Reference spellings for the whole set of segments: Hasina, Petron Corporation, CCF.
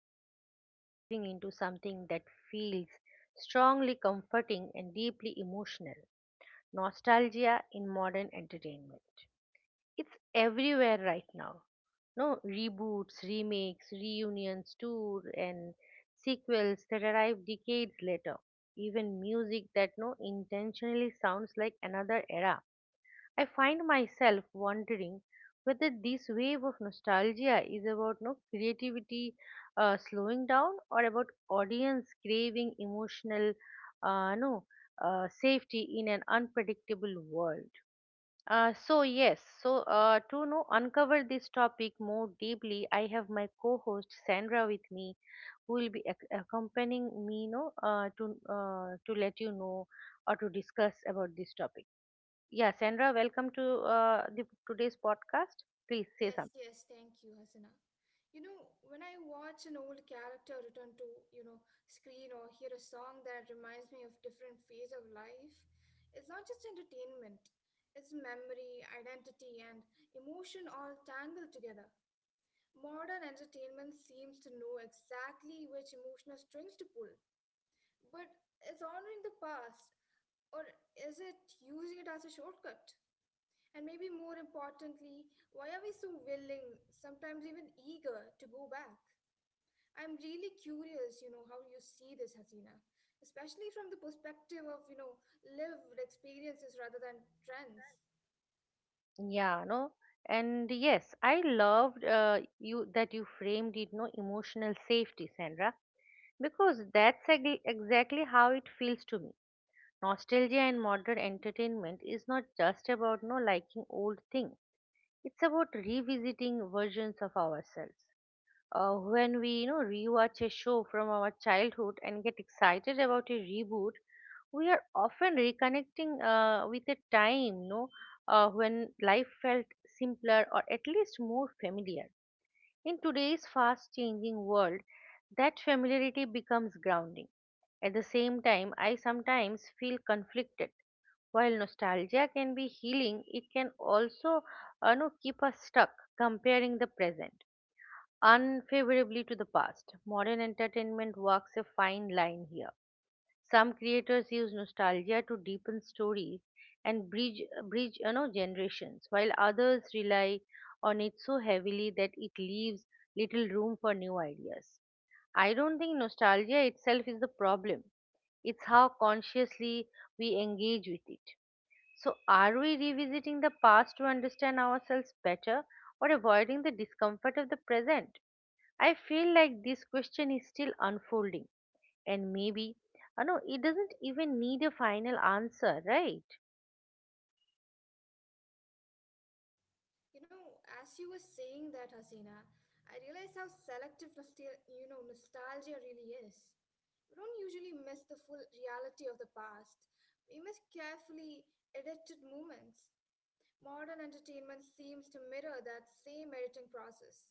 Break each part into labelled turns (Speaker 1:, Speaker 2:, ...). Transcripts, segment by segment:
Speaker 1: Today, we are diving into something that feels strongly comforting and deeply emotional nostalgia in modern entertainment. It's everywhere right now. No reboots, remakes, reunions, tour, and sequels that arrive decades later. Even music that no intentionally sounds like another era I find myself wondering whether this wave of nostalgia is about no creativity slowing down or about audience craving emotional no safety in an unpredictable world. So yes, so to no uncover this topic more deeply, I have my co-host Sandra with me, who will be accompanying me, no, to let you know or to discuss about this topic. Yeah, Sandra, welcome to the today's podcast. Please say
Speaker 2: Yes,
Speaker 1: something.
Speaker 2: yes, thank you, Hasina. When I watch an old character return to, you know, screen or hear a song that reminds me of different phase of life, it's not just entertainment. It's memory, identity, and emotion all tangled together. Modern entertainment seems to know exactly which emotional strings to pull, but it's honoring the past, or is it using it as a shortcut? And maybe more importantly, why are we so willing, sometimes even eager, to go back? I'm really curious, how you see this, Hasina, especially from the perspective of lived experiences rather than trends.
Speaker 1: Yeah, no, and yes, I loved you that you framed it, no, emotional safety, Sandra, because that's exactly how it feels to me. Nostalgia and modern entertainment is not just about no liking old things. It's about revisiting versions of ourselves when we rewatch a show from our childhood and get excited about a reboot we are often reconnecting with a time no when life felt simpler or at least more familiar in today's fast changing world that familiarity becomes grounding at the same time I sometimes feel conflicted while nostalgia can be healing it can also no, keep us stuck comparing the present unfavorably to the past. Modern entertainment walks a fine line here. Some creators use nostalgia to deepen stories and bridge generations, while others rely on it so heavily that it leaves little room for new ideas. I don't think nostalgia itself is the problem. It's how consciously we engage with it. So, are we revisiting the past to understand ourselves better or avoiding the discomfort of the present? I feel like this question is still unfolding, and maybe, I know it doesn't even need a final answer, right?
Speaker 2: As you were saying that, Hasina, I realized how selective, nostalgia really is. We don't usually miss the full reality of the past. We miss carefully edited moments. Modern entertainment seems to mirror that same editing process.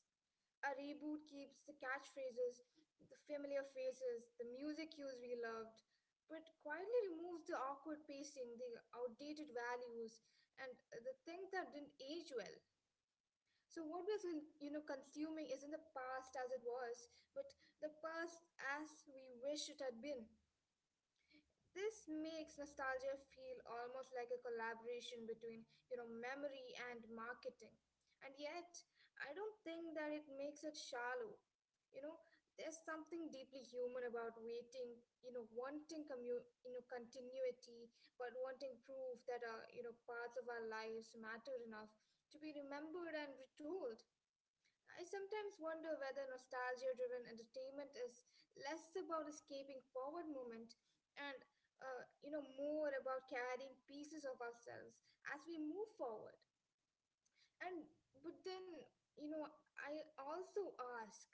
Speaker 2: A reboot keeps the catchphrases, the familiar faces, the music cues we loved, but quietly removes the awkward pacing, the outdated values, and the things that didn't age well. So what we're consuming isn't the past as it was, but the past as we wish it had been. This makes nostalgia feel almost like a collaboration between memory and marketing. And yet, I don't think that it makes it shallow. You know, there's something deeply human about waiting, wanting continuity, but wanting proof that parts of our lives matter enough to be remembered and retold. I sometimes wonder whether nostalgia driven entertainment is less about escaping forward movement and more about carrying pieces of ourselves as we move forward. And but then you know I also ask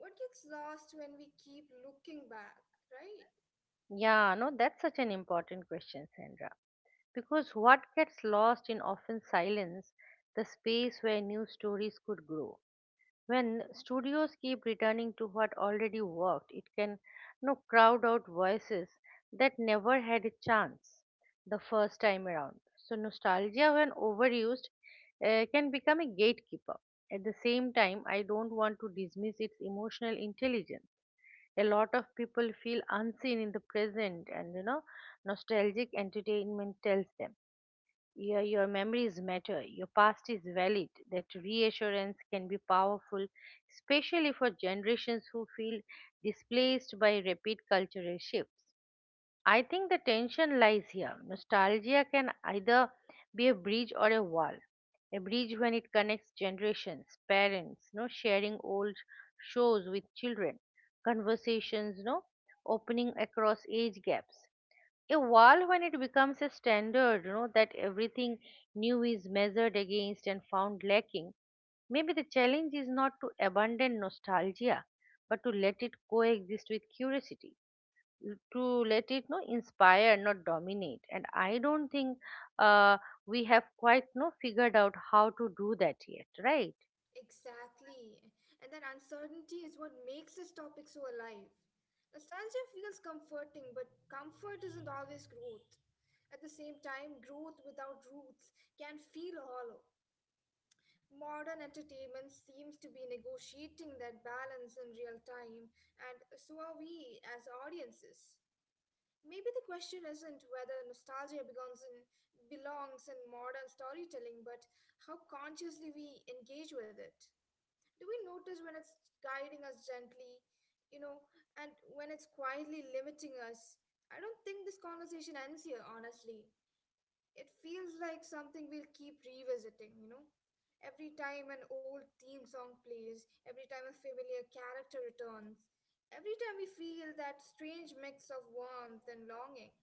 Speaker 2: what gets lost when we keep looking back, right?
Speaker 1: Yeah, no, that's such an important question, Sandra. Because what gets lost in often silence, the space where new stories could grow. When studios keep returning to what already worked, it can crowd out voices that never had a chance the first time around. So nostalgia, when overused, can become a gatekeeper. At the same time, I don't want to dismiss its emotional intelligence. A lot of people feel unseen in the present, and nostalgic entertainment tells them your memories matter. Your past is valid. That reassurance can be powerful, especially for generations who feel displaced by rapid cultural shifts. I think the tension lies here. Nostalgia can either be a bridge or a wall. A bridge when it connects generations, parents, no sharing old shows with children, conversations, no opening across age gaps evolve when it becomes a standard, that everything new is measured against and found lacking. Maybe the challenge is not to abandon nostalgia, but to let it coexist with curiosity, to let it no inspire, not dominate. And I don't think uh, we have quite no figured out how to do that yet, right?
Speaker 2: Exactly. And that uncertainty is what makes this topic so alive. Nostalgia feels comforting, but comfort isn't always growth. At the same time, growth without roots can feel hollow. Modern entertainment seems to be negotiating that balance in real time, and so are we as audiences. Maybe the question isn't whether nostalgia belongs in modern storytelling, but how consciously we engage with it. Do we notice when it's guiding us gently, you know, and when it's quietly limiting us? I don't think this conversation ends here, honestly. It feels like something we'll keep revisiting? Every time an old theme song plays, every time a familiar character returns, every time we feel that strange mix of warmth and longing.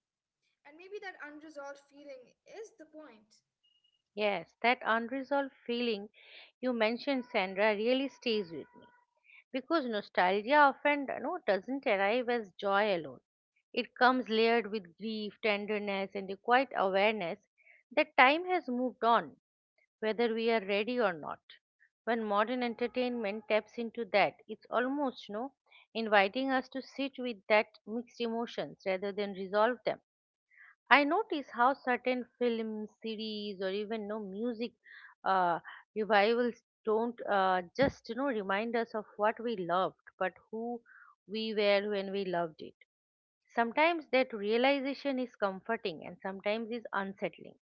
Speaker 2: And maybe that unresolved feeling is the point.
Speaker 1: Yes, that unresolved feeling you mentioned, Sandra, really stays with me because nostalgia often doesn't arrive as joy alone. It comes layered with grief, tenderness, and the quiet awareness that time has moved on, whether we are ready or not. When modern entertainment taps into that, it's almost inviting us to sit with that mixed emotions rather than resolve them I notice how certain film series or even no music uh, revivals don't just remind us of what we loved, but who we were when we loved it. Sometimes that realization is comforting, and sometimes is unsettling.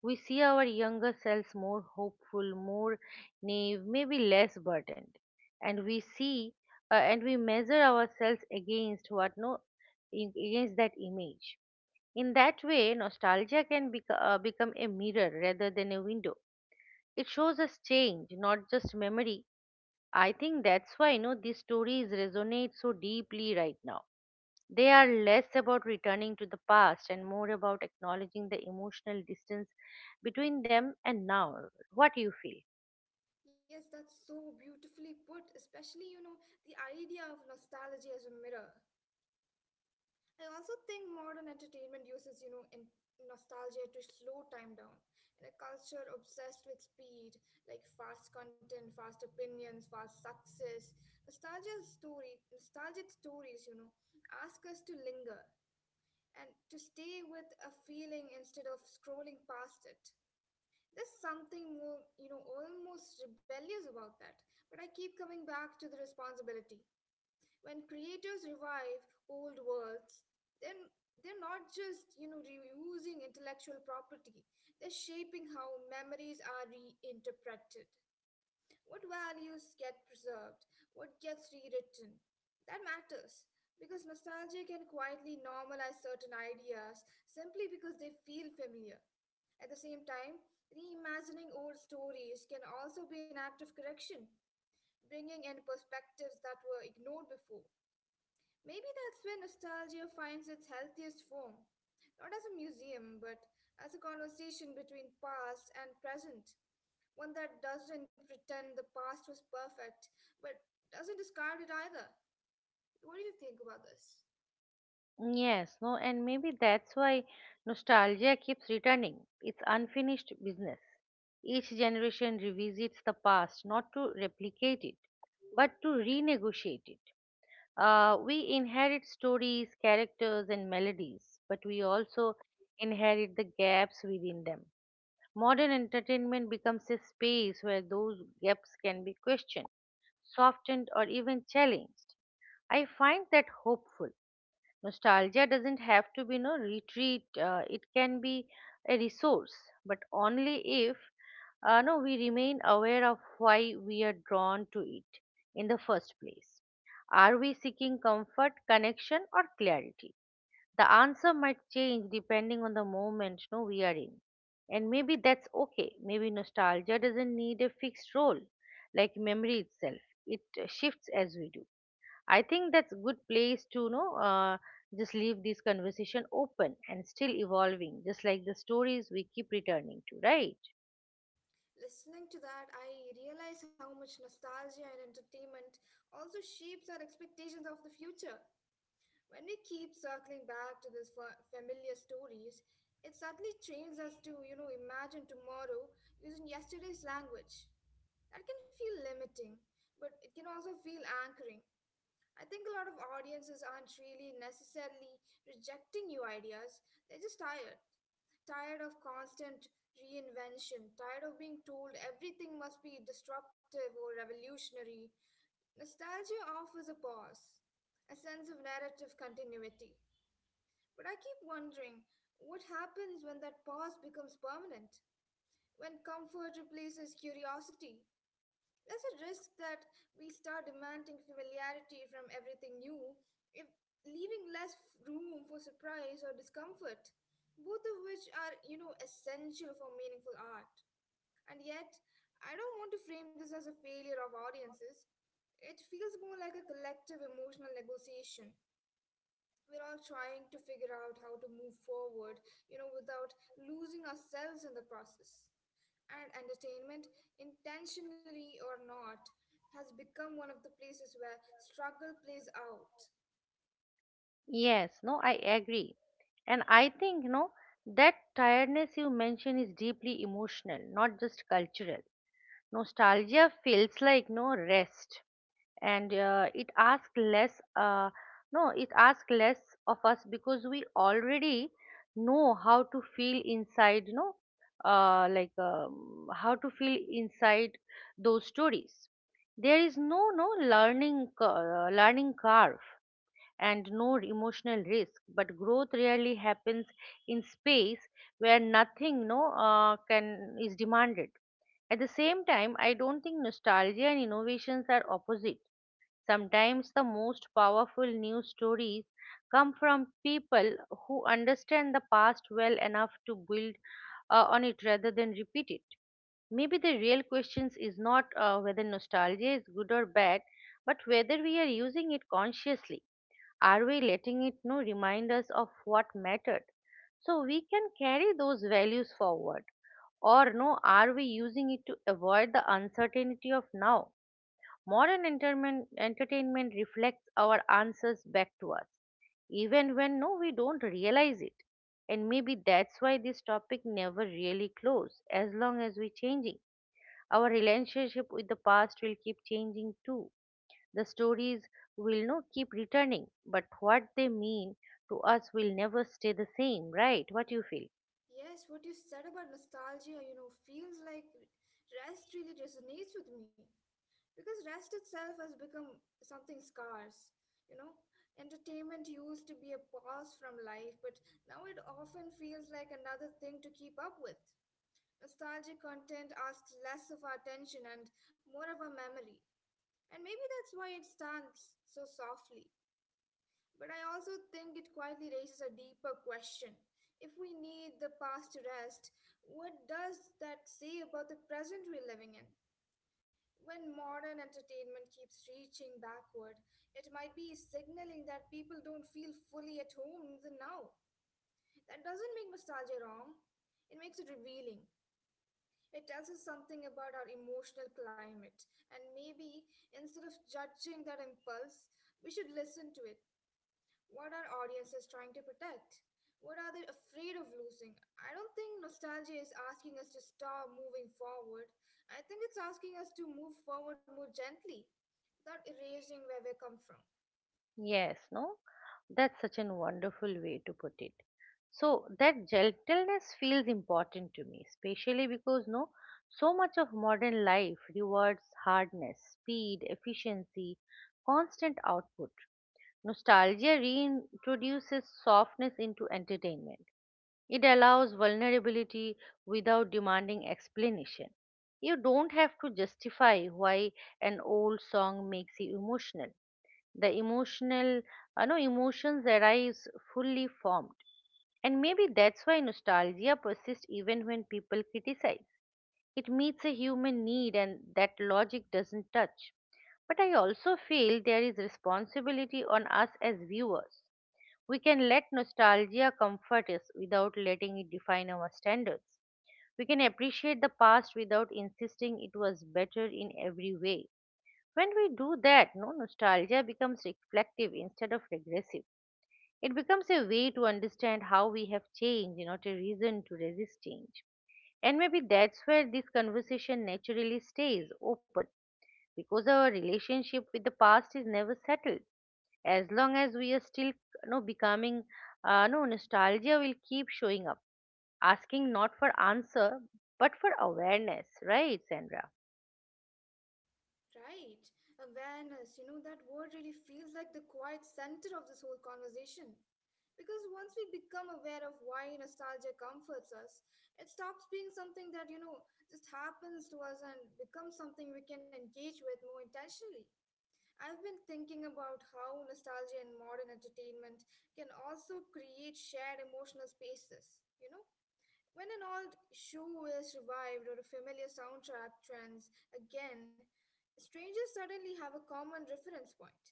Speaker 1: We see our younger selves more hopeful, more naive, maybe less burdened, and we see and we measure ourselves against what no against that image in that way, nostalgia can become a mirror rather than a window. It shows us change, not just memory. I think that's why these stories resonate so deeply right now. They are less about returning to the past and more about acknowledging the emotional distance between them and now. What do you feel?
Speaker 2: Yes, that's so beautifully put, especially, the idea of nostalgia as a mirror. I also think modern entertainment uses in nostalgia to slow time down. In a culture obsessed with speed, like fast content, fast opinions, fast success, nostalgic stories, ask us to linger and to stay with a feeling instead of scrolling past it. There's something more, almost rebellious about that. But I keep coming back to the responsibility. When creators revive old worlds, then they're not just reusing intellectual property, they're shaping how memories are reinterpreted. What values get preserved? What gets rewritten? That matters because nostalgia can quietly normalize certain ideas simply because they feel familiar. At the same time, reimagining old stories can also be an act of correction, bringing in perspectives that were ignored before. Maybe that's where nostalgia finds its healthiest form, not as a museum, but as a conversation between past and present. One that doesn't pretend the past was perfect, but doesn't discard it either. What do you think about this?
Speaker 1: Yes, no, and maybe that's why nostalgia keeps returning. It's unfinished business. Each generation revisits the past, not to replicate it, but to renegotiate it. We inherit stories, characters, and melodies, but we also inherit the gaps within them. Modern entertainment becomes a space where those gaps can be questioned, softened, or even challenged. I find that hopeful Nostalgia doesn't have to be no retreat. It can be a resource, but only if no we remain aware of why we are drawn to it in the first place. Are we seeking comfort, connection, or clarity? The answer might change depending on the moment no we are in, and maybe that's okay. Maybe nostalgia doesn't need a fixed role, like memory itself. It shifts as we do. I think that's a good place to know. Just leave this conversation open and still evolving, just like the stories we keep returning to, right?
Speaker 2: Listening to that, I realize how much nostalgia and entertainment also shapes our expectations of the future. When we keep circling back to these familiar stories, it suddenly trains us to imagine tomorrow using yesterday's language. That can feel limiting, but it can also feel anchoring. I think a lot of audiences aren't really necessarily rejecting new ideas, they're just tired. Tired of constant reinvention, tired of being told everything must be disruptive or revolutionary. Nostalgia offers a pause, a sense of narrative continuity. But I keep wondering what happens when that pause becomes permanent? When comfort replaces curiosity? There's a risk that we start demanding familiarity from everything new, if leaving less room for surprise or discomfort, both of which are essential for meaningful art. And yet, I don't want to frame this as a failure of audiences. It feels more like a collective emotional negotiation we're all trying to figure out how to move forward, without losing ourselves in the process. And entertainment, intentionally or not, has become one of the places where struggle plays out.
Speaker 1: Yes, no, I agree. And I think, no, that tiredness you mention is deeply emotional, not just cultural. Nostalgia feels like no rest. And it asks less no it asks less of us because we already know how to feel inside uh, like um, how to feel inside those stories there is no learning learning curve and no emotional risk but growth rarely happens in space where nothing no can is demanded at the same time I don't think nostalgia and innovations are opposite Sometimes the most powerful news stories come from people who understand the past well enough to build on it rather than repeat it. Maybe the real question is not whether nostalgia is good or bad, but whether we are using it consciously. Are we letting it remind us of what mattered? So we can carry those values forward. Or no, are we using it to avoid the uncertainty of now? Modern entertainment reflects our answers back to us, even when no, we don't realize it. And maybe that's why this topic never really closes. As long as we're changing, our relationship with the past will keep changing too. The stories will no keep returning, but what they mean to us will never stay the same, right? What do you feel?
Speaker 2: Yes, what you said about nostalgia feels like rest really resonates with me because rest itself has become something scarce. You know, entertainment used to be a pause from life, but now it often feels like another thing to keep up with. Nostalgic content asks less of our attention and more of our memory. And maybe that's why it stands so softly. But I also think it quietly raises a deeper question. If we need the past to rest, what does that say about the present we're living in? When modern entertainment keeps reaching backward, it might be signaling that people don't feel fully at home in the now. That doesn't make nostalgia wrong, it makes it revealing. It tells us something about our emotional climate, and maybe instead of judging that impulse, we should listen to it. What our audience is trying to protect. What are they afraid of losing? I don't think nostalgia is asking us to stop moving forward. I think it's asking us to move forward more gently without erasing where we come from.
Speaker 1: Yes, no? That's such a wonderful way to put it. So that gentleness feels important to me, especially because no, so much of modern life rewards hardness, speed, efficiency, constant output. Nostalgia reintroduces softness into entertainment. It allows vulnerability without demanding explanation. You don't have to justify why an old song makes you emotional the emotional no emotions arise fully formed and maybe that's why nostalgia persists even when people criticize it meets a human need and that logic doesn't touch but I also feel there is responsibility on us as viewers we can let nostalgia comfort us without letting it define our standards we can appreciate the past without insisting it was better in every way when we do that, no nostalgia becomes reflective instead of regressive. It becomes a way to understand how we have changed, not a reason to resist change. And maybe that's where this conversation naturally stays open because our relationship with the past is never settled. As long as we are still becoming, no nostalgia will keep showing up, asking not for answer but for awareness, right, Sandra?
Speaker 2: Right. Awareness. That word really feels like the quiet center of this whole conversation. Because once we become aware of why nostalgia comforts us, it stops being something that just happens to us and becomes something we can engage with more intentionally. I've been thinking about how nostalgia and modern entertainment can also create shared emotional spaces? When an old show is revived or a familiar soundtrack trends again, strangers suddenly have a common reference point.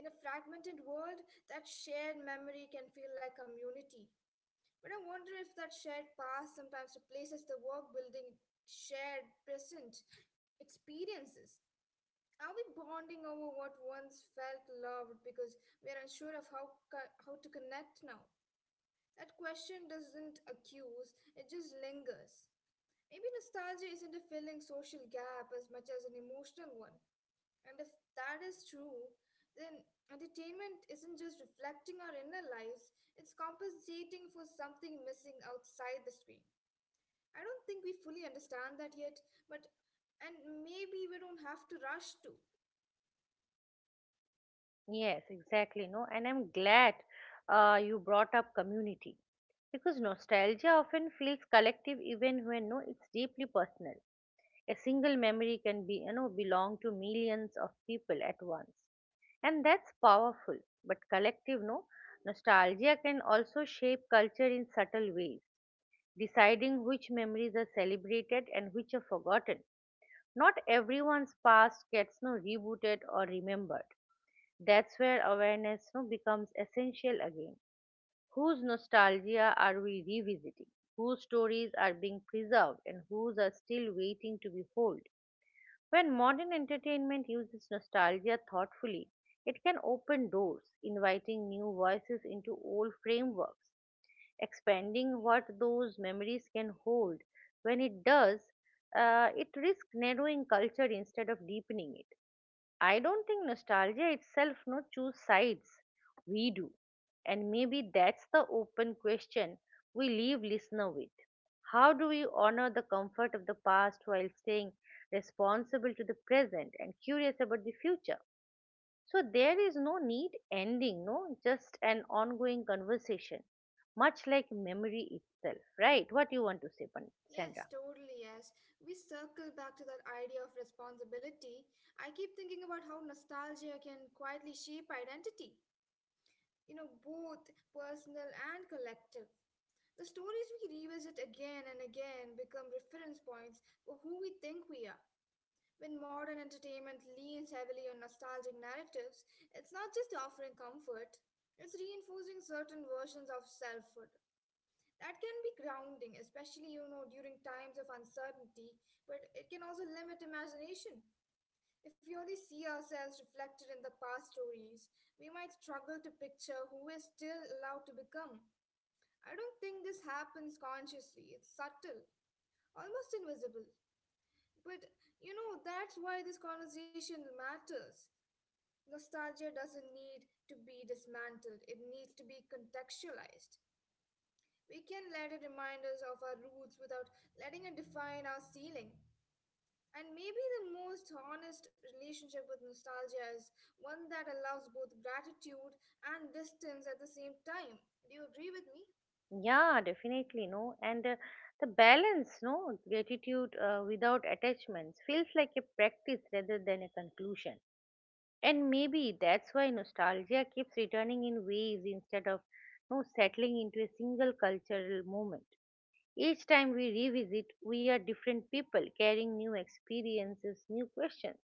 Speaker 2: In a fragmented world, that shared memory can feel like community, but I wonder if that shared past sometimes replaces the work building shared present experiences. Are we bonding over what once felt loved because we are unsure of how to connect now? That question doesn't accuse, it just lingers. Maybe nostalgia isn't a filling social gap as much as an emotional one. And if that is true, then entertainment isn't just reflecting our inner lives, it's compensating for something missing outside the screen. I don't think we fully understand that yet, but and maybe we don't have to rush to.
Speaker 1: Yes, exactly. No, and I'm glad you brought up community because nostalgia often feels collective even when no, it's deeply personal. A single memory can be, belong to millions of people at once, and that's powerful. But collective, no, nostalgia can also shape culture in subtle ways, deciding which memories are celebrated and which are forgotten. Not everyone's past gets no rebooted or remembered that's where awareness becomes essential again. Whose nostalgia are we revisiting? Whose stories are being preserved and whose are still waiting to be told? When modern entertainment uses nostalgia thoughtfully, it can open doors, inviting new voices into old frameworks, expanding what those memories can hold. When it does, it risks narrowing culture instead of deepening it. I don't think nostalgia itself no choose sides. We do. And maybe that's the open question we leave listener with. How do we honor the comfort of the past while staying responsible to the present and curious about the future? So there is no neat ending, no, just an ongoing conversation, much like memory itself, right? What you want to say, Sandra?
Speaker 2: Yes, totally, yes. We circle back to that idea of responsibility. I keep thinking about how nostalgia can quietly shape identity, both personal and collective. The stories we revisit again and again become reference points for who we think we are. When modern entertainment leans heavily on nostalgic narratives, it's not just offering comfort, it's reinforcing certain versions of selfhood. That can be grounding, especially during times of uncertainty, but it can also limit imagination. If we only see ourselves reflected in the past stories, we might struggle to picture who we're still allowed to become. I don't think this happens consciously. It's subtle, almost invisible. But that's why this conversation matters. Nostalgia doesn't need to be dismantled, it needs to be contextualized. We can let it remind us of our roots without letting it define our ceiling. And maybe the most honest relationship with nostalgia is one that allows both gratitude and distance at the same time. Do you agree with me?
Speaker 1: Yeah, definitely, no. And the balance, no, gratitude without attachments feels like a practice rather than a conclusion. And maybe that's why nostalgia keeps returning in waves instead of no settling into a single cultural moment. Each time we revisit, we are different people carrying new experiences, new questions.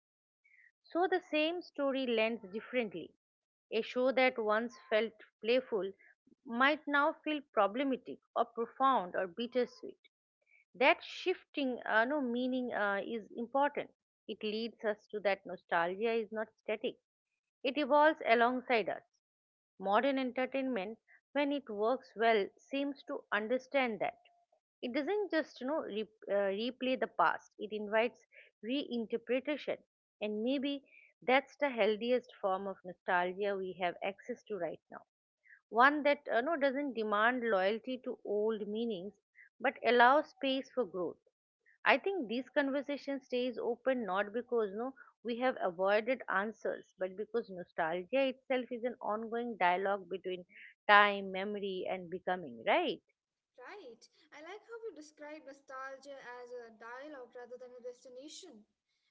Speaker 1: So the same story lands differently. A show that once felt playful might now feel problematic or profound or bittersweet. That shifting no meaning is important. It leads us to that nostalgia is not static. It evolves alongside us. Modern entertainment, when it works well, seems to understand that. It doesn't just replay the past, it invites reinterpretation. And maybe that's the healthiest form of nostalgia we have access to right now. One that doesn't demand loyalty to old meanings but allows space for growth. I think these conversation stays open not because no we have avoided answers, but because nostalgia itself is an ongoing dialogue between time, memory, and becoming, right?
Speaker 2: Right. I like how you describe nostalgia as a dialogue rather than a destination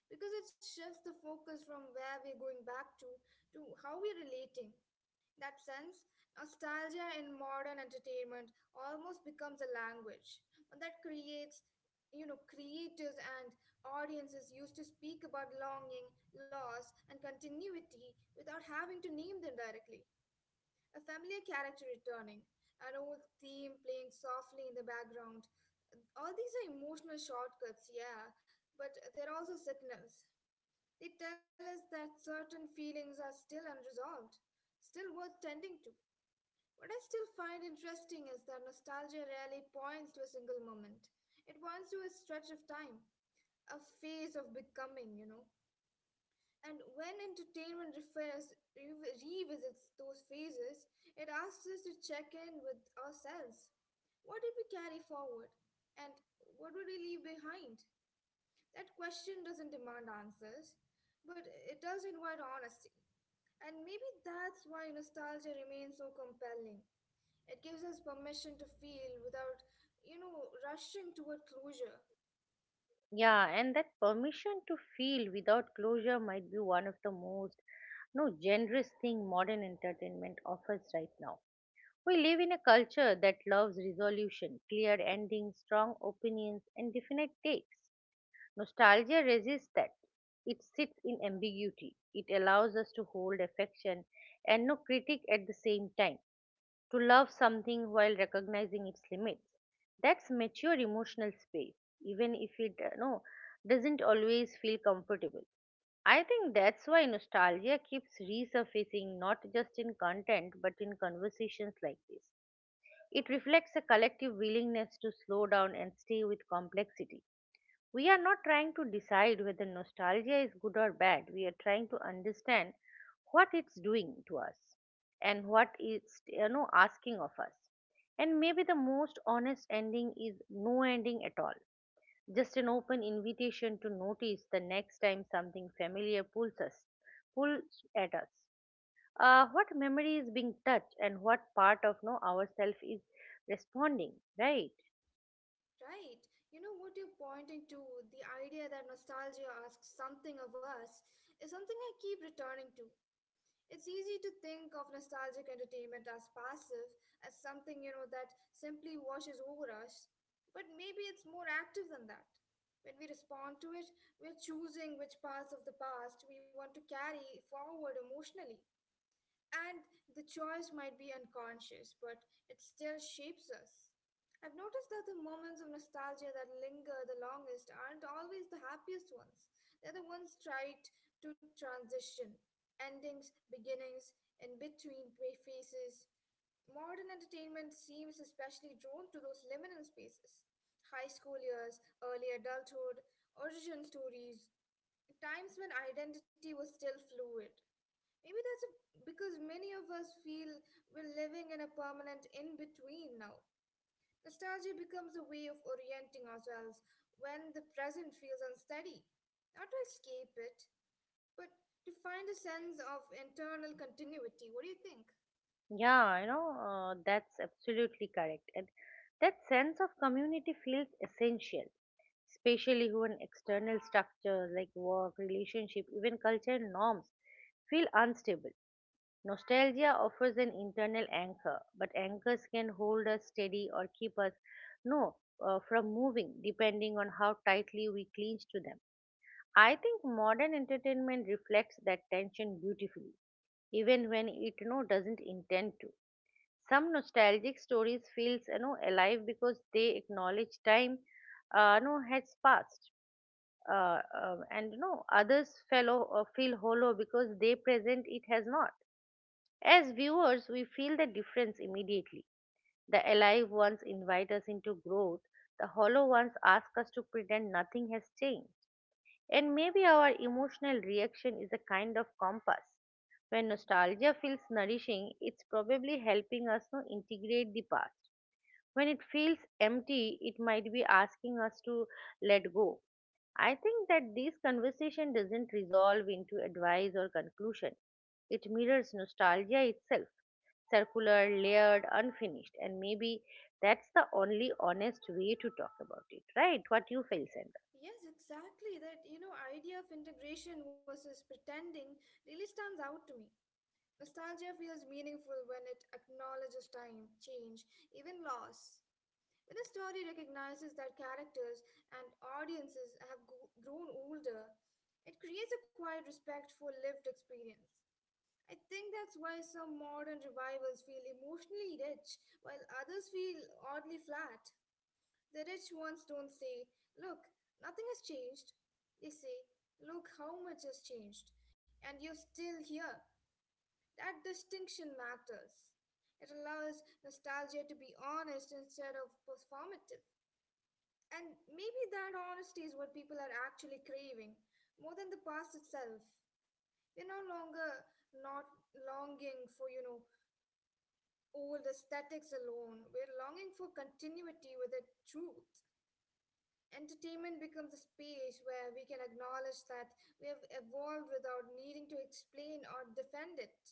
Speaker 2: because it shifts the focus from where we're going back to how we're relating. In that sense, nostalgia in modern entertainment almost becomes a language that creates you know creators and audiences used to speak about longing, loss and continuity without having to name them directly. A familiar character returning, an old theme playing softly in the background. All these are emotional shortcuts, yeah, but they're also signals. They tell us that certain feelings are still unresolved, still worth tending to. What I still find interesting is that nostalgia rarely points to a single moment. It points to a stretch of time, a phase of becoming. And when entertainment revisits those phases, it asks us to check in with ourselves. What did we carry forward? And what would we leave behind? That question doesn't demand answers, but it does invite honesty. And maybe that's why nostalgia remains so compelling. It gives us permission to feel without rushing toward closure.
Speaker 1: Yeah, and that permission to feel without closure might be one of the most no generous thing modern entertainment offers right now. We live in a culture that loves resolution, clear endings, strong opinions, and definite takes. Nostalgia resists that. It sits in ambiguity. It allows us to hold affection and no critic at the same time, to love something while recognizing its limits. That's mature emotional space, even if it doesn't always feel comfortable. I think that's why nostalgia keeps resurfacing not just in content but in conversations like this. It reflects a collective willingness to slow down and stay with complexity. We are not trying to decide whether nostalgia is good or bad. We are trying to understand what it's doing to us and what it's asking of us. And maybe the most honest ending is no ending at all. Just an open invitation to notice the next time something familiar pulls at us. What memory is being touched and what part of no ourself is responding, right?
Speaker 2: Right. You know what you're pointing to, the idea that nostalgia asks something of us, is something I keep returning to. It's easy to think of nostalgic entertainment as passive, as something that simply washes over us. But maybe it's more active than that. When we respond to it, we're choosing which parts of the past we want to carry forward emotionally. And the choice might be unconscious, but it still shapes us. I've noticed that the moments of nostalgia that linger the longest aren't always the happiest ones. They're the ones tied to transition, endings, beginnings, in between phases. Modern entertainment seems especially drawn to those liminal spaces. High school years, early adulthood, origin stories, times when identity was still fluid. Maybe because many of us feel we're living in a permanent in between now. Nostalgia becomes a way of orienting ourselves when the present feels unsteady. Not to escape it, but to find a sense of internal continuity. What do you think?
Speaker 1: Yeah, that's absolutely correct. And that sense of community feels essential, especially when external structures like work, relationship, even cultural norms feel unstable. Nostalgia offers an internal anchor, but anchors can hold us steady or keep us no from moving depending on how tightly we cling to them. I think modern entertainment reflects that tension beautifully even when it doesn't intend to. Some nostalgic stories feels alive because they acknowledge time has passed, and others fellow feel hollow because they present it has not. As viewers we feel the difference immediately. The alive ones invite us into growth, the hollow ones ask us to pretend nothing has changed, and maybe our emotional reaction is a kind of compass. When nostalgia feels nourishing, it's probably helping us to integrate the past. When it feels empty, it might be asking us to let go. I think that this conversation doesn't resolve into advice or conclusion. It mirrors nostalgia itself, circular, layered, unfinished, and maybe that's the only honest way to talk about it, right? What you feel, Sandra?
Speaker 2: Yes, exactly. That idea of integration versus pretending really stands out to me. Nostalgia feels meaningful when it acknowledges time, change, even loss. When a story recognizes that characters and audiences have grown older, it creates a quiet respect for lived experience. I think that's why some modern revivals feel emotionally rich, while others feel oddly flat. The rich ones don't say, "Look, nothing has changed." They say, "Look how much has changed, and you're still here." That distinction matters. It allows nostalgia to be honest instead of performative. And maybe that honesty is what people are actually craving more than the past itself. We're no longer not longing for old aesthetics alone. We're longing for continuity with the truth. Entertainment becomes a space where we can acknowledge that we have evolved without needing to explain or defend it.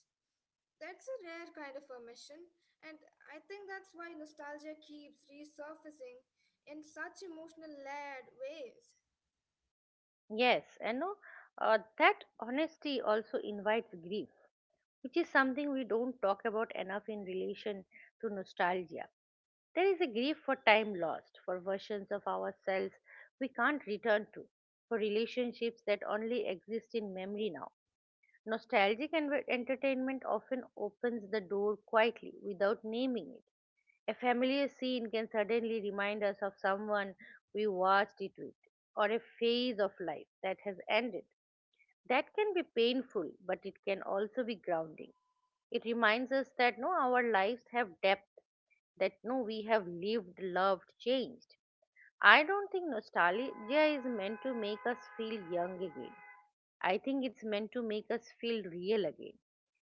Speaker 2: That's a rare kind of permission, and I think that's why nostalgia keeps resurfacing in such emotional layered ways.
Speaker 1: Yes, and no, that honesty also invites grief, which is something we don't talk about enough in relation to nostalgia. There is a grief for time lost, for versions of ourselves we can't return to, for relationships that only exist in memory now. Nostalgic entertainment often opens the door quietly without naming it. A familiar scene can suddenly remind us of someone we watched it with, or a phase of life that has ended. That can be painful, but it can also be grounding. It reminds us that no, our lives have depth, that no, we have lived, loved, changed. I don't think nostalgia is meant to make us feel young again. I think it's meant to make us feel real again.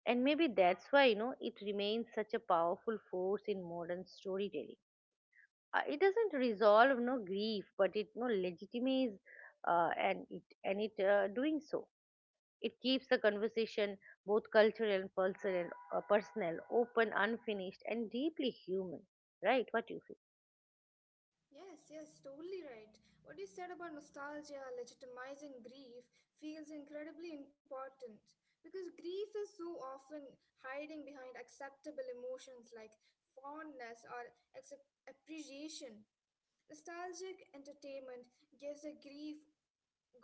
Speaker 1: And maybe that's why, it remains such a powerful force in modern storytelling. It doesn't resolve no grief, but it no legitimates, and it doing so it keeps the conversation both cultural and personal, open, unfinished, and deeply human. Right? What you feel?
Speaker 2: Yes, yes, totally right. What you said about nostalgia, legitimizing grief, feels incredibly important because grief is so often hiding behind acceptable emotions like fondness or appreciation. Nostalgic entertainment gives a grief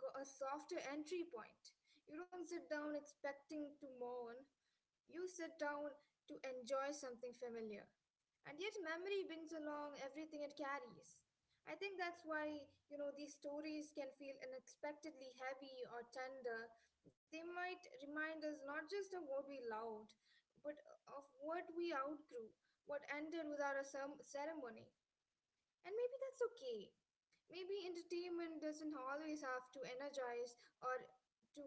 Speaker 2: a softer entry point. You don't sit down expecting to mourn, you sit down to enjoy something familiar, and yet memory brings along everything it carries. I think that's why these stories can feel unexpectedly heavy or tender. They might remind us not just of what we loved, but of what we outgrew, what ended without a ceremony. And maybe that's okay. Maybe entertainment doesn't always have to energize or to,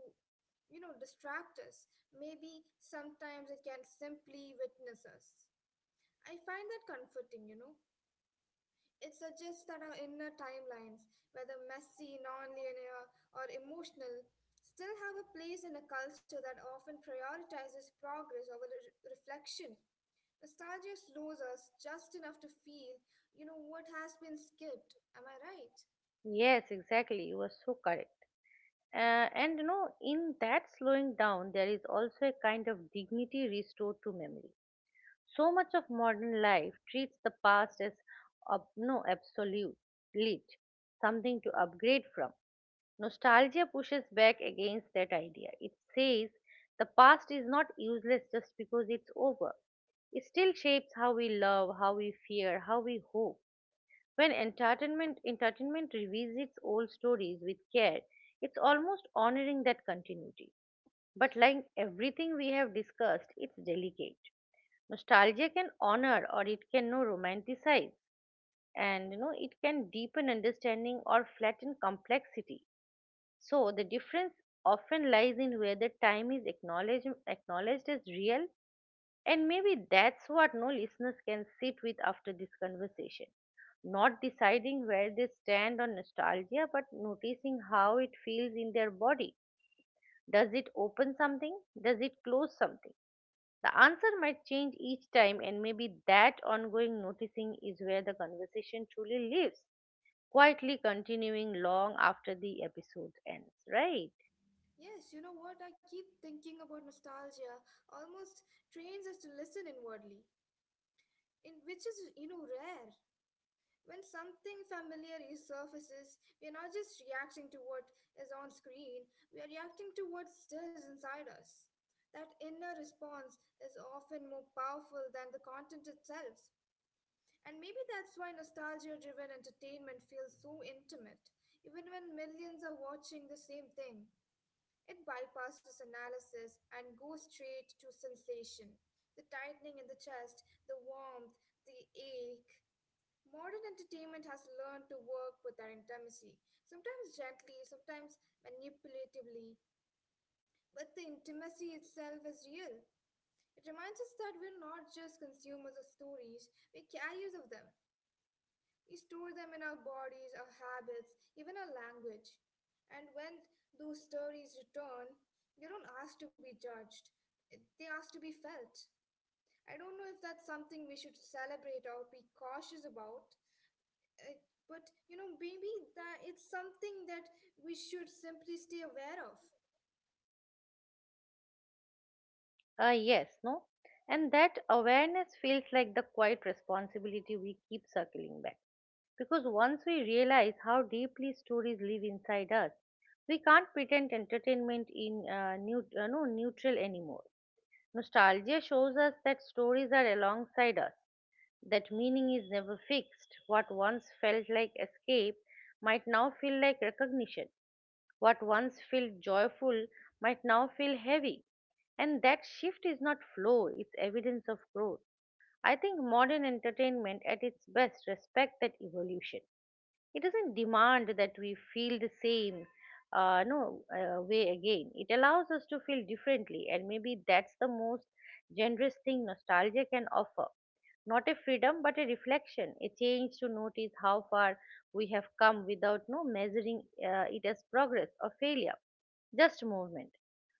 Speaker 2: you know, distract us. Maybe sometimes it can simply witness us. I find that comforting. It suggests that our inner timelines, whether messy, nonlinear, or emotional, still have a place in a culture that often prioritizes progress over reflection. Nostalgia slows us just enough to feel what has been skipped. Am I right?
Speaker 1: Yes, exactly. You are so correct. And you know, in that slowing down, there is also a kind of dignity restored to memory. So much of modern life treats the past as ob- no absolute, something to upgrade from. Nostalgia pushes back against that idea. It says the past is not useless just because it's over. It still shapes how we love, how we fear, how we hope. When entertainment revisits old stories with care, it's almost honoring that continuity. But like everything we have discussed, it's delicate. Nostalgia can honor or it can no romanticize, and it can deepen understanding or flatten complexity. So the difference often lies in whether time is acknowledged as real, and maybe that's what no listeners can sit with after this conversation. Not deciding where they stand on nostalgia, but noticing how it feels in their body. Does it open something? Does it close something? The answer might change each time, and maybe that ongoing noticing is where the conversation truly lives, quietly continuing long after the episode ends, right?
Speaker 2: Yes, you know what? I keep thinking about nostalgia almost trains us to listen inwardly, in which is rare. When something familiar resurfaces, we are not just reacting to what is on screen, we are reacting to what stirs inside us. That inner response is often more powerful than the content itself. And maybe that's why nostalgia driven entertainment feels so intimate, even when millions are watching the same thing. It bypasses analysis and goes straight to sensation. The tightening in the chest, the warmth, the ache. Modern entertainment has learned to work with that intimacy, sometimes gently, sometimes manipulatively, but the intimacy itself is real. It reminds us that we're not just consumers of stories, we're carriers of them. We store them in our bodies, our habits, even our language. And when those stories return, they don't ask to be judged, they ask to be felt. I don't know if that's something we should celebrate or be cautious about, uh, but maybe that it's something that we should simply stay aware of.
Speaker 1: Yes, no? And that awareness feels like the quiet responsibility we keep circling back. Because once we realize how deeply stories live inside us, we can't pretend entertainment in neut- no, neutral anymore. Nostalgia shows us that stories are alongside us, that meaning is never fixed. What once felt like escape might now feel like recognition, what once felt joyful might now feel heavy. And that shift is not flow, it's evidence of growth. I think modern entertainment at its best respects that evolution. It doesn't demand that we feel the same no way again. It allows us to feel differently, and maybe that's the most generous thing nostalgia can offer. Not a freedom but a reflection, a change to notice how far we have come without no measuring it as progress or failure, just movement.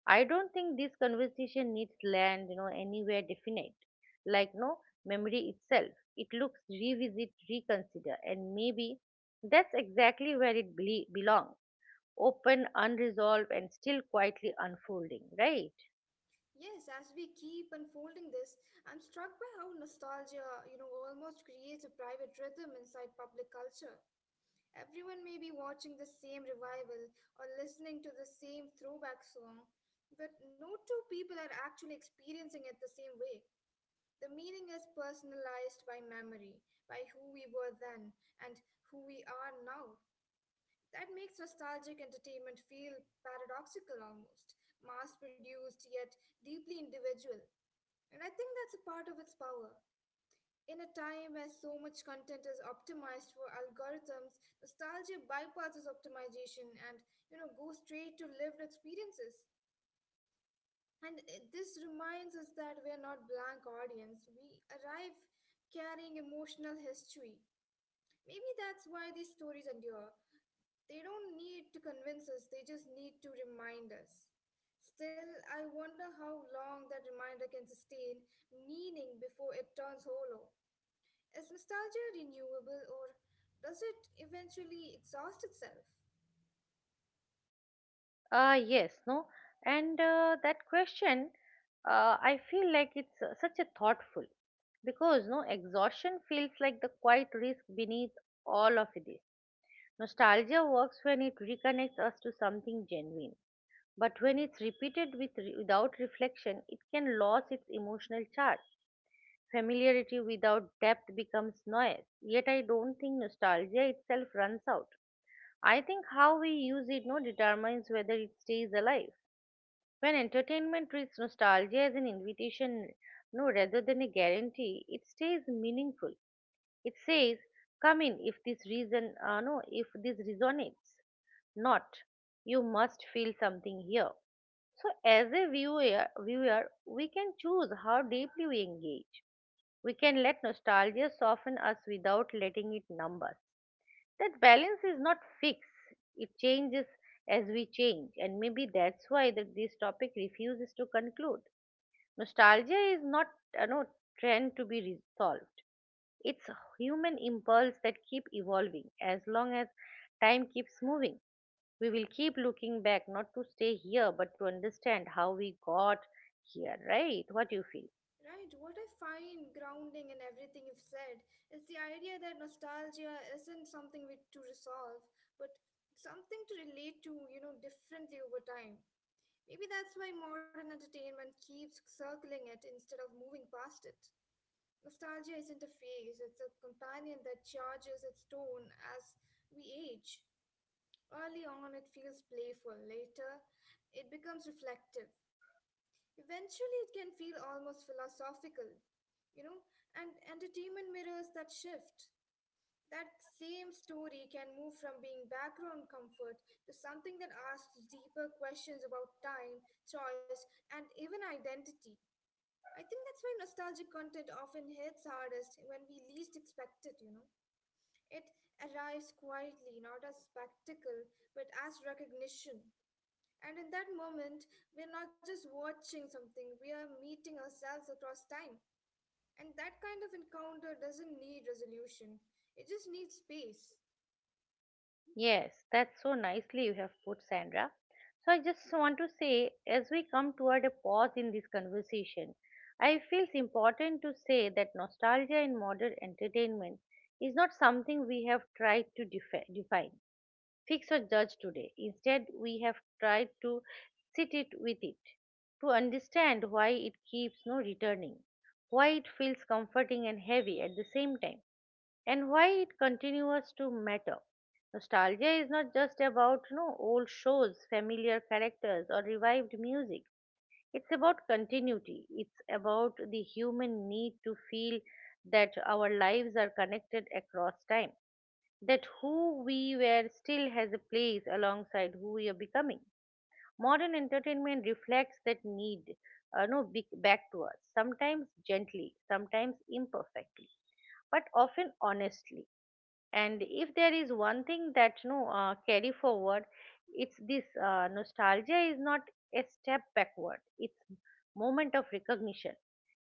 Speaker 1: I don't think this conversation needs land, anywhere definite. Like no memory itself. It looks revisit, reconsider, and maybe that's exactly where it belongs. Open, unresolved, and still quietly unfolding, right?
Speaker 2: Yes, as we keep unfolding this, I'm struck by how nostalgia almost creates a private rhythm inside public culture. Everyone may be watching the same revival or listening to the same throwback song, but no two people are actually experiencing it the same way. The meaning is personalized by memory, by who we were then and who we are now. That makes nostalgic entertainment feel paradoxical almost, mass produced yet deeply individual. And I think that's a part of its power. In a time where so much content is optimized for algorithms, nostalgia bypasses optimization and goes straight to lived experiences. And this reminds us that we are not blank audience. We arrive carrying emotional history. Maybe that's why these stories endure. They don't need to convince us, they just need to remind us. Still, I wonder how long that reminder can sustain meaning before it turns hollow. Is nostalgia renewable or does it eventually exhaust itself?
Speaker 1: Yes, no, and that question, I feel like it's such a thoughtful, because no exhaustion feels like the quiet risk beneath all of this. Nostalgia works when it reconnects us to something genuine, but when it's repeated with without reflection, it can lose its emotional charge. Familiarity without depth becomes noise. Yet I don't think nostalgia itself runs out. I think how we use it no determines whether it stays alive. When entertainment treats nostalgia as an invitation, no, rather than a guarantee, it stays meaningful. It says, "Come in if this reason, no, if this resonates." Not, you must feel something here. So, as a viewer, we can choose how deeply we engage. We can let nostalgia soften us without letting it numb us. That balance is not fixed, it changes as we change, and maybe that's why that this topic refuses to conclude. Nostalgia is not a no trend to be resolved, it's a human impulse that keep evolving. As long as time keeps moving, we will keep looking back, not to stay here but to understand how we got here, right? What do you feel?
Speaker 2: Right, what I find grounding in everything you've said is the idea that nostalgia isn't something we, to resolve, but something to relate to differently over time. Maybe that's why modern entertainment keeps circling it instead of moving past it. Nostalgia isn't a phase, it's a companion that charges its tone as we age. Early on, it feels playful. Later, it becomes reflective. Eventually, it can feel almost philosophical, you know, and entertainment mirrors that shift. That same story can move from being background comfort to something that asks deeper questions about time, choice, and even identity. I think that's why nostalgic content often hits hardest when we least expect it. It arrives quietly, not as spectacle, but as recognition. And in that moment, we're not just watching something, we are meeting ourselves across time. And that kind of encounter doesn't need resolution, it just needs space.
Speaker 1: Yes, that's so nicely you have put, Sandra. So I just want to say, as we come toward a pause in this conversation, I feel it's important to say that nostalgia in modern entertainment is not something we have tried to define, fix, or judge today. Instead, we have tried to sit it with it, to understand why it keeps no returning, why it feels comforting and heavy at the same time, and why it continues to matter. Nostalgia is not just about old shows, familiar characters, or revived music. It's about continuity. It's about the human need to feel that our lives are connected across time, that who we were still has a place alongside who we are becoming. Modern entertainment reflects that need no, be- back to us, sometimes gently, sometimes imperfectly, but often honestly. And if there is one thing that no carry forward, it's this: nostalgia is not a step backward, it's moment of recognition,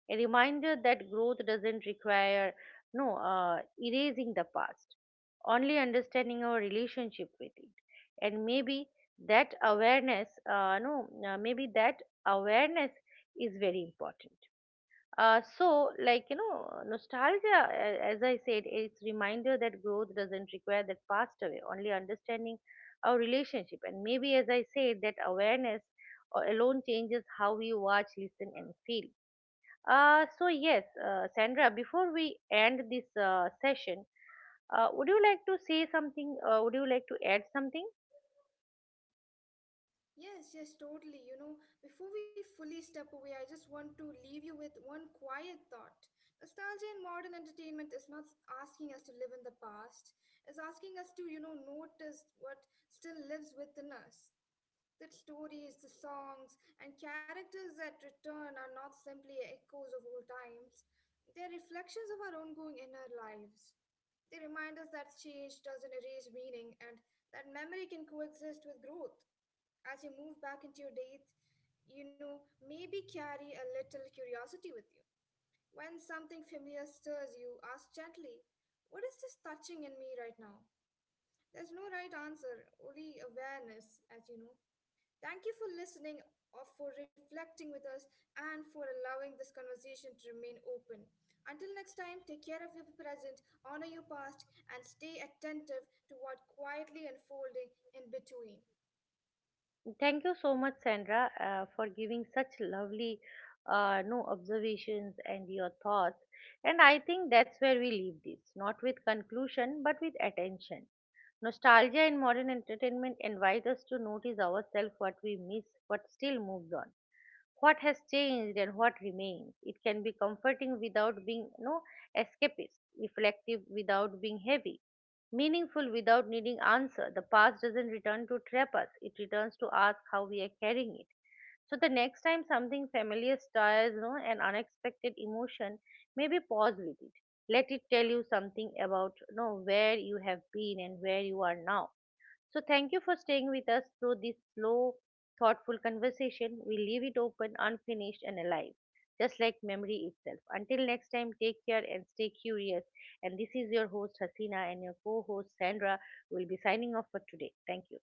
Speaker 1: a reminder that growth doesn't require no erasing the past, only understanding our relationship with it. And maybe that awareness no maybe that awareness is very important. Nostalgia, as I said, it's reminder that growth doesn't require that passed away, only understanding our relationship. And maybe, as I said, that awareness alone changes how we watch, listen, and feel. So, yes, Sandra, before we end this session, would you like to say something? Would you like to add something?
Speaker 2: Yes, yes, totally. You know, before we fully step away, I just want to leave you with one quiet thought. Nostalgia in modern entertainment is not asking us to live in the past, it's asking us to notice what still lives within us. The stories, the songs, and characters that return are not simply echoes of old times, they're reflections of our ongoing inner lives. They remind us that change doesn't erase meaning and that memory can coexist with growth. As you move back into your date, maybe carry a little curiosity with you. When something familiar stirs you, ask gently, "What is this touching in me right now?" There's no right answer, only awareness, as you know. Thank you for listening, or for reflecting with us, and for allowing this conversation to remain open. Until next time, take care of your present, honor your past, and stay attentive to what quietly unfolding in between.
Speaker 1: Thank you so much, Sandra, for giving such lovely, no observations and your thoughts. And I think that's where we leave this, not with conclusion, but with attention. Nostalgia and modern entertainment invite us to notice ourselves what we miss, what still moves on, what has changed, and what remains. It can be comforting without being, no, escapist, reflective without being heavy, meaningful without needing answer. The past doesn't return to trap us, it returns to ask how we are carrying it. So the next time something familiar stirs an unexpected emotion, maybe pause with it. Let it tell you something about where you have been and where you are now. So, thank you for staying with us through this slow, thoughtful conversation. We leave it open, unfinished, and alive, just like memory itself. Until next time, take care and stay curious. And this is your host, Hasina, and your co host, Sandra, will be signing off for today. Thank you.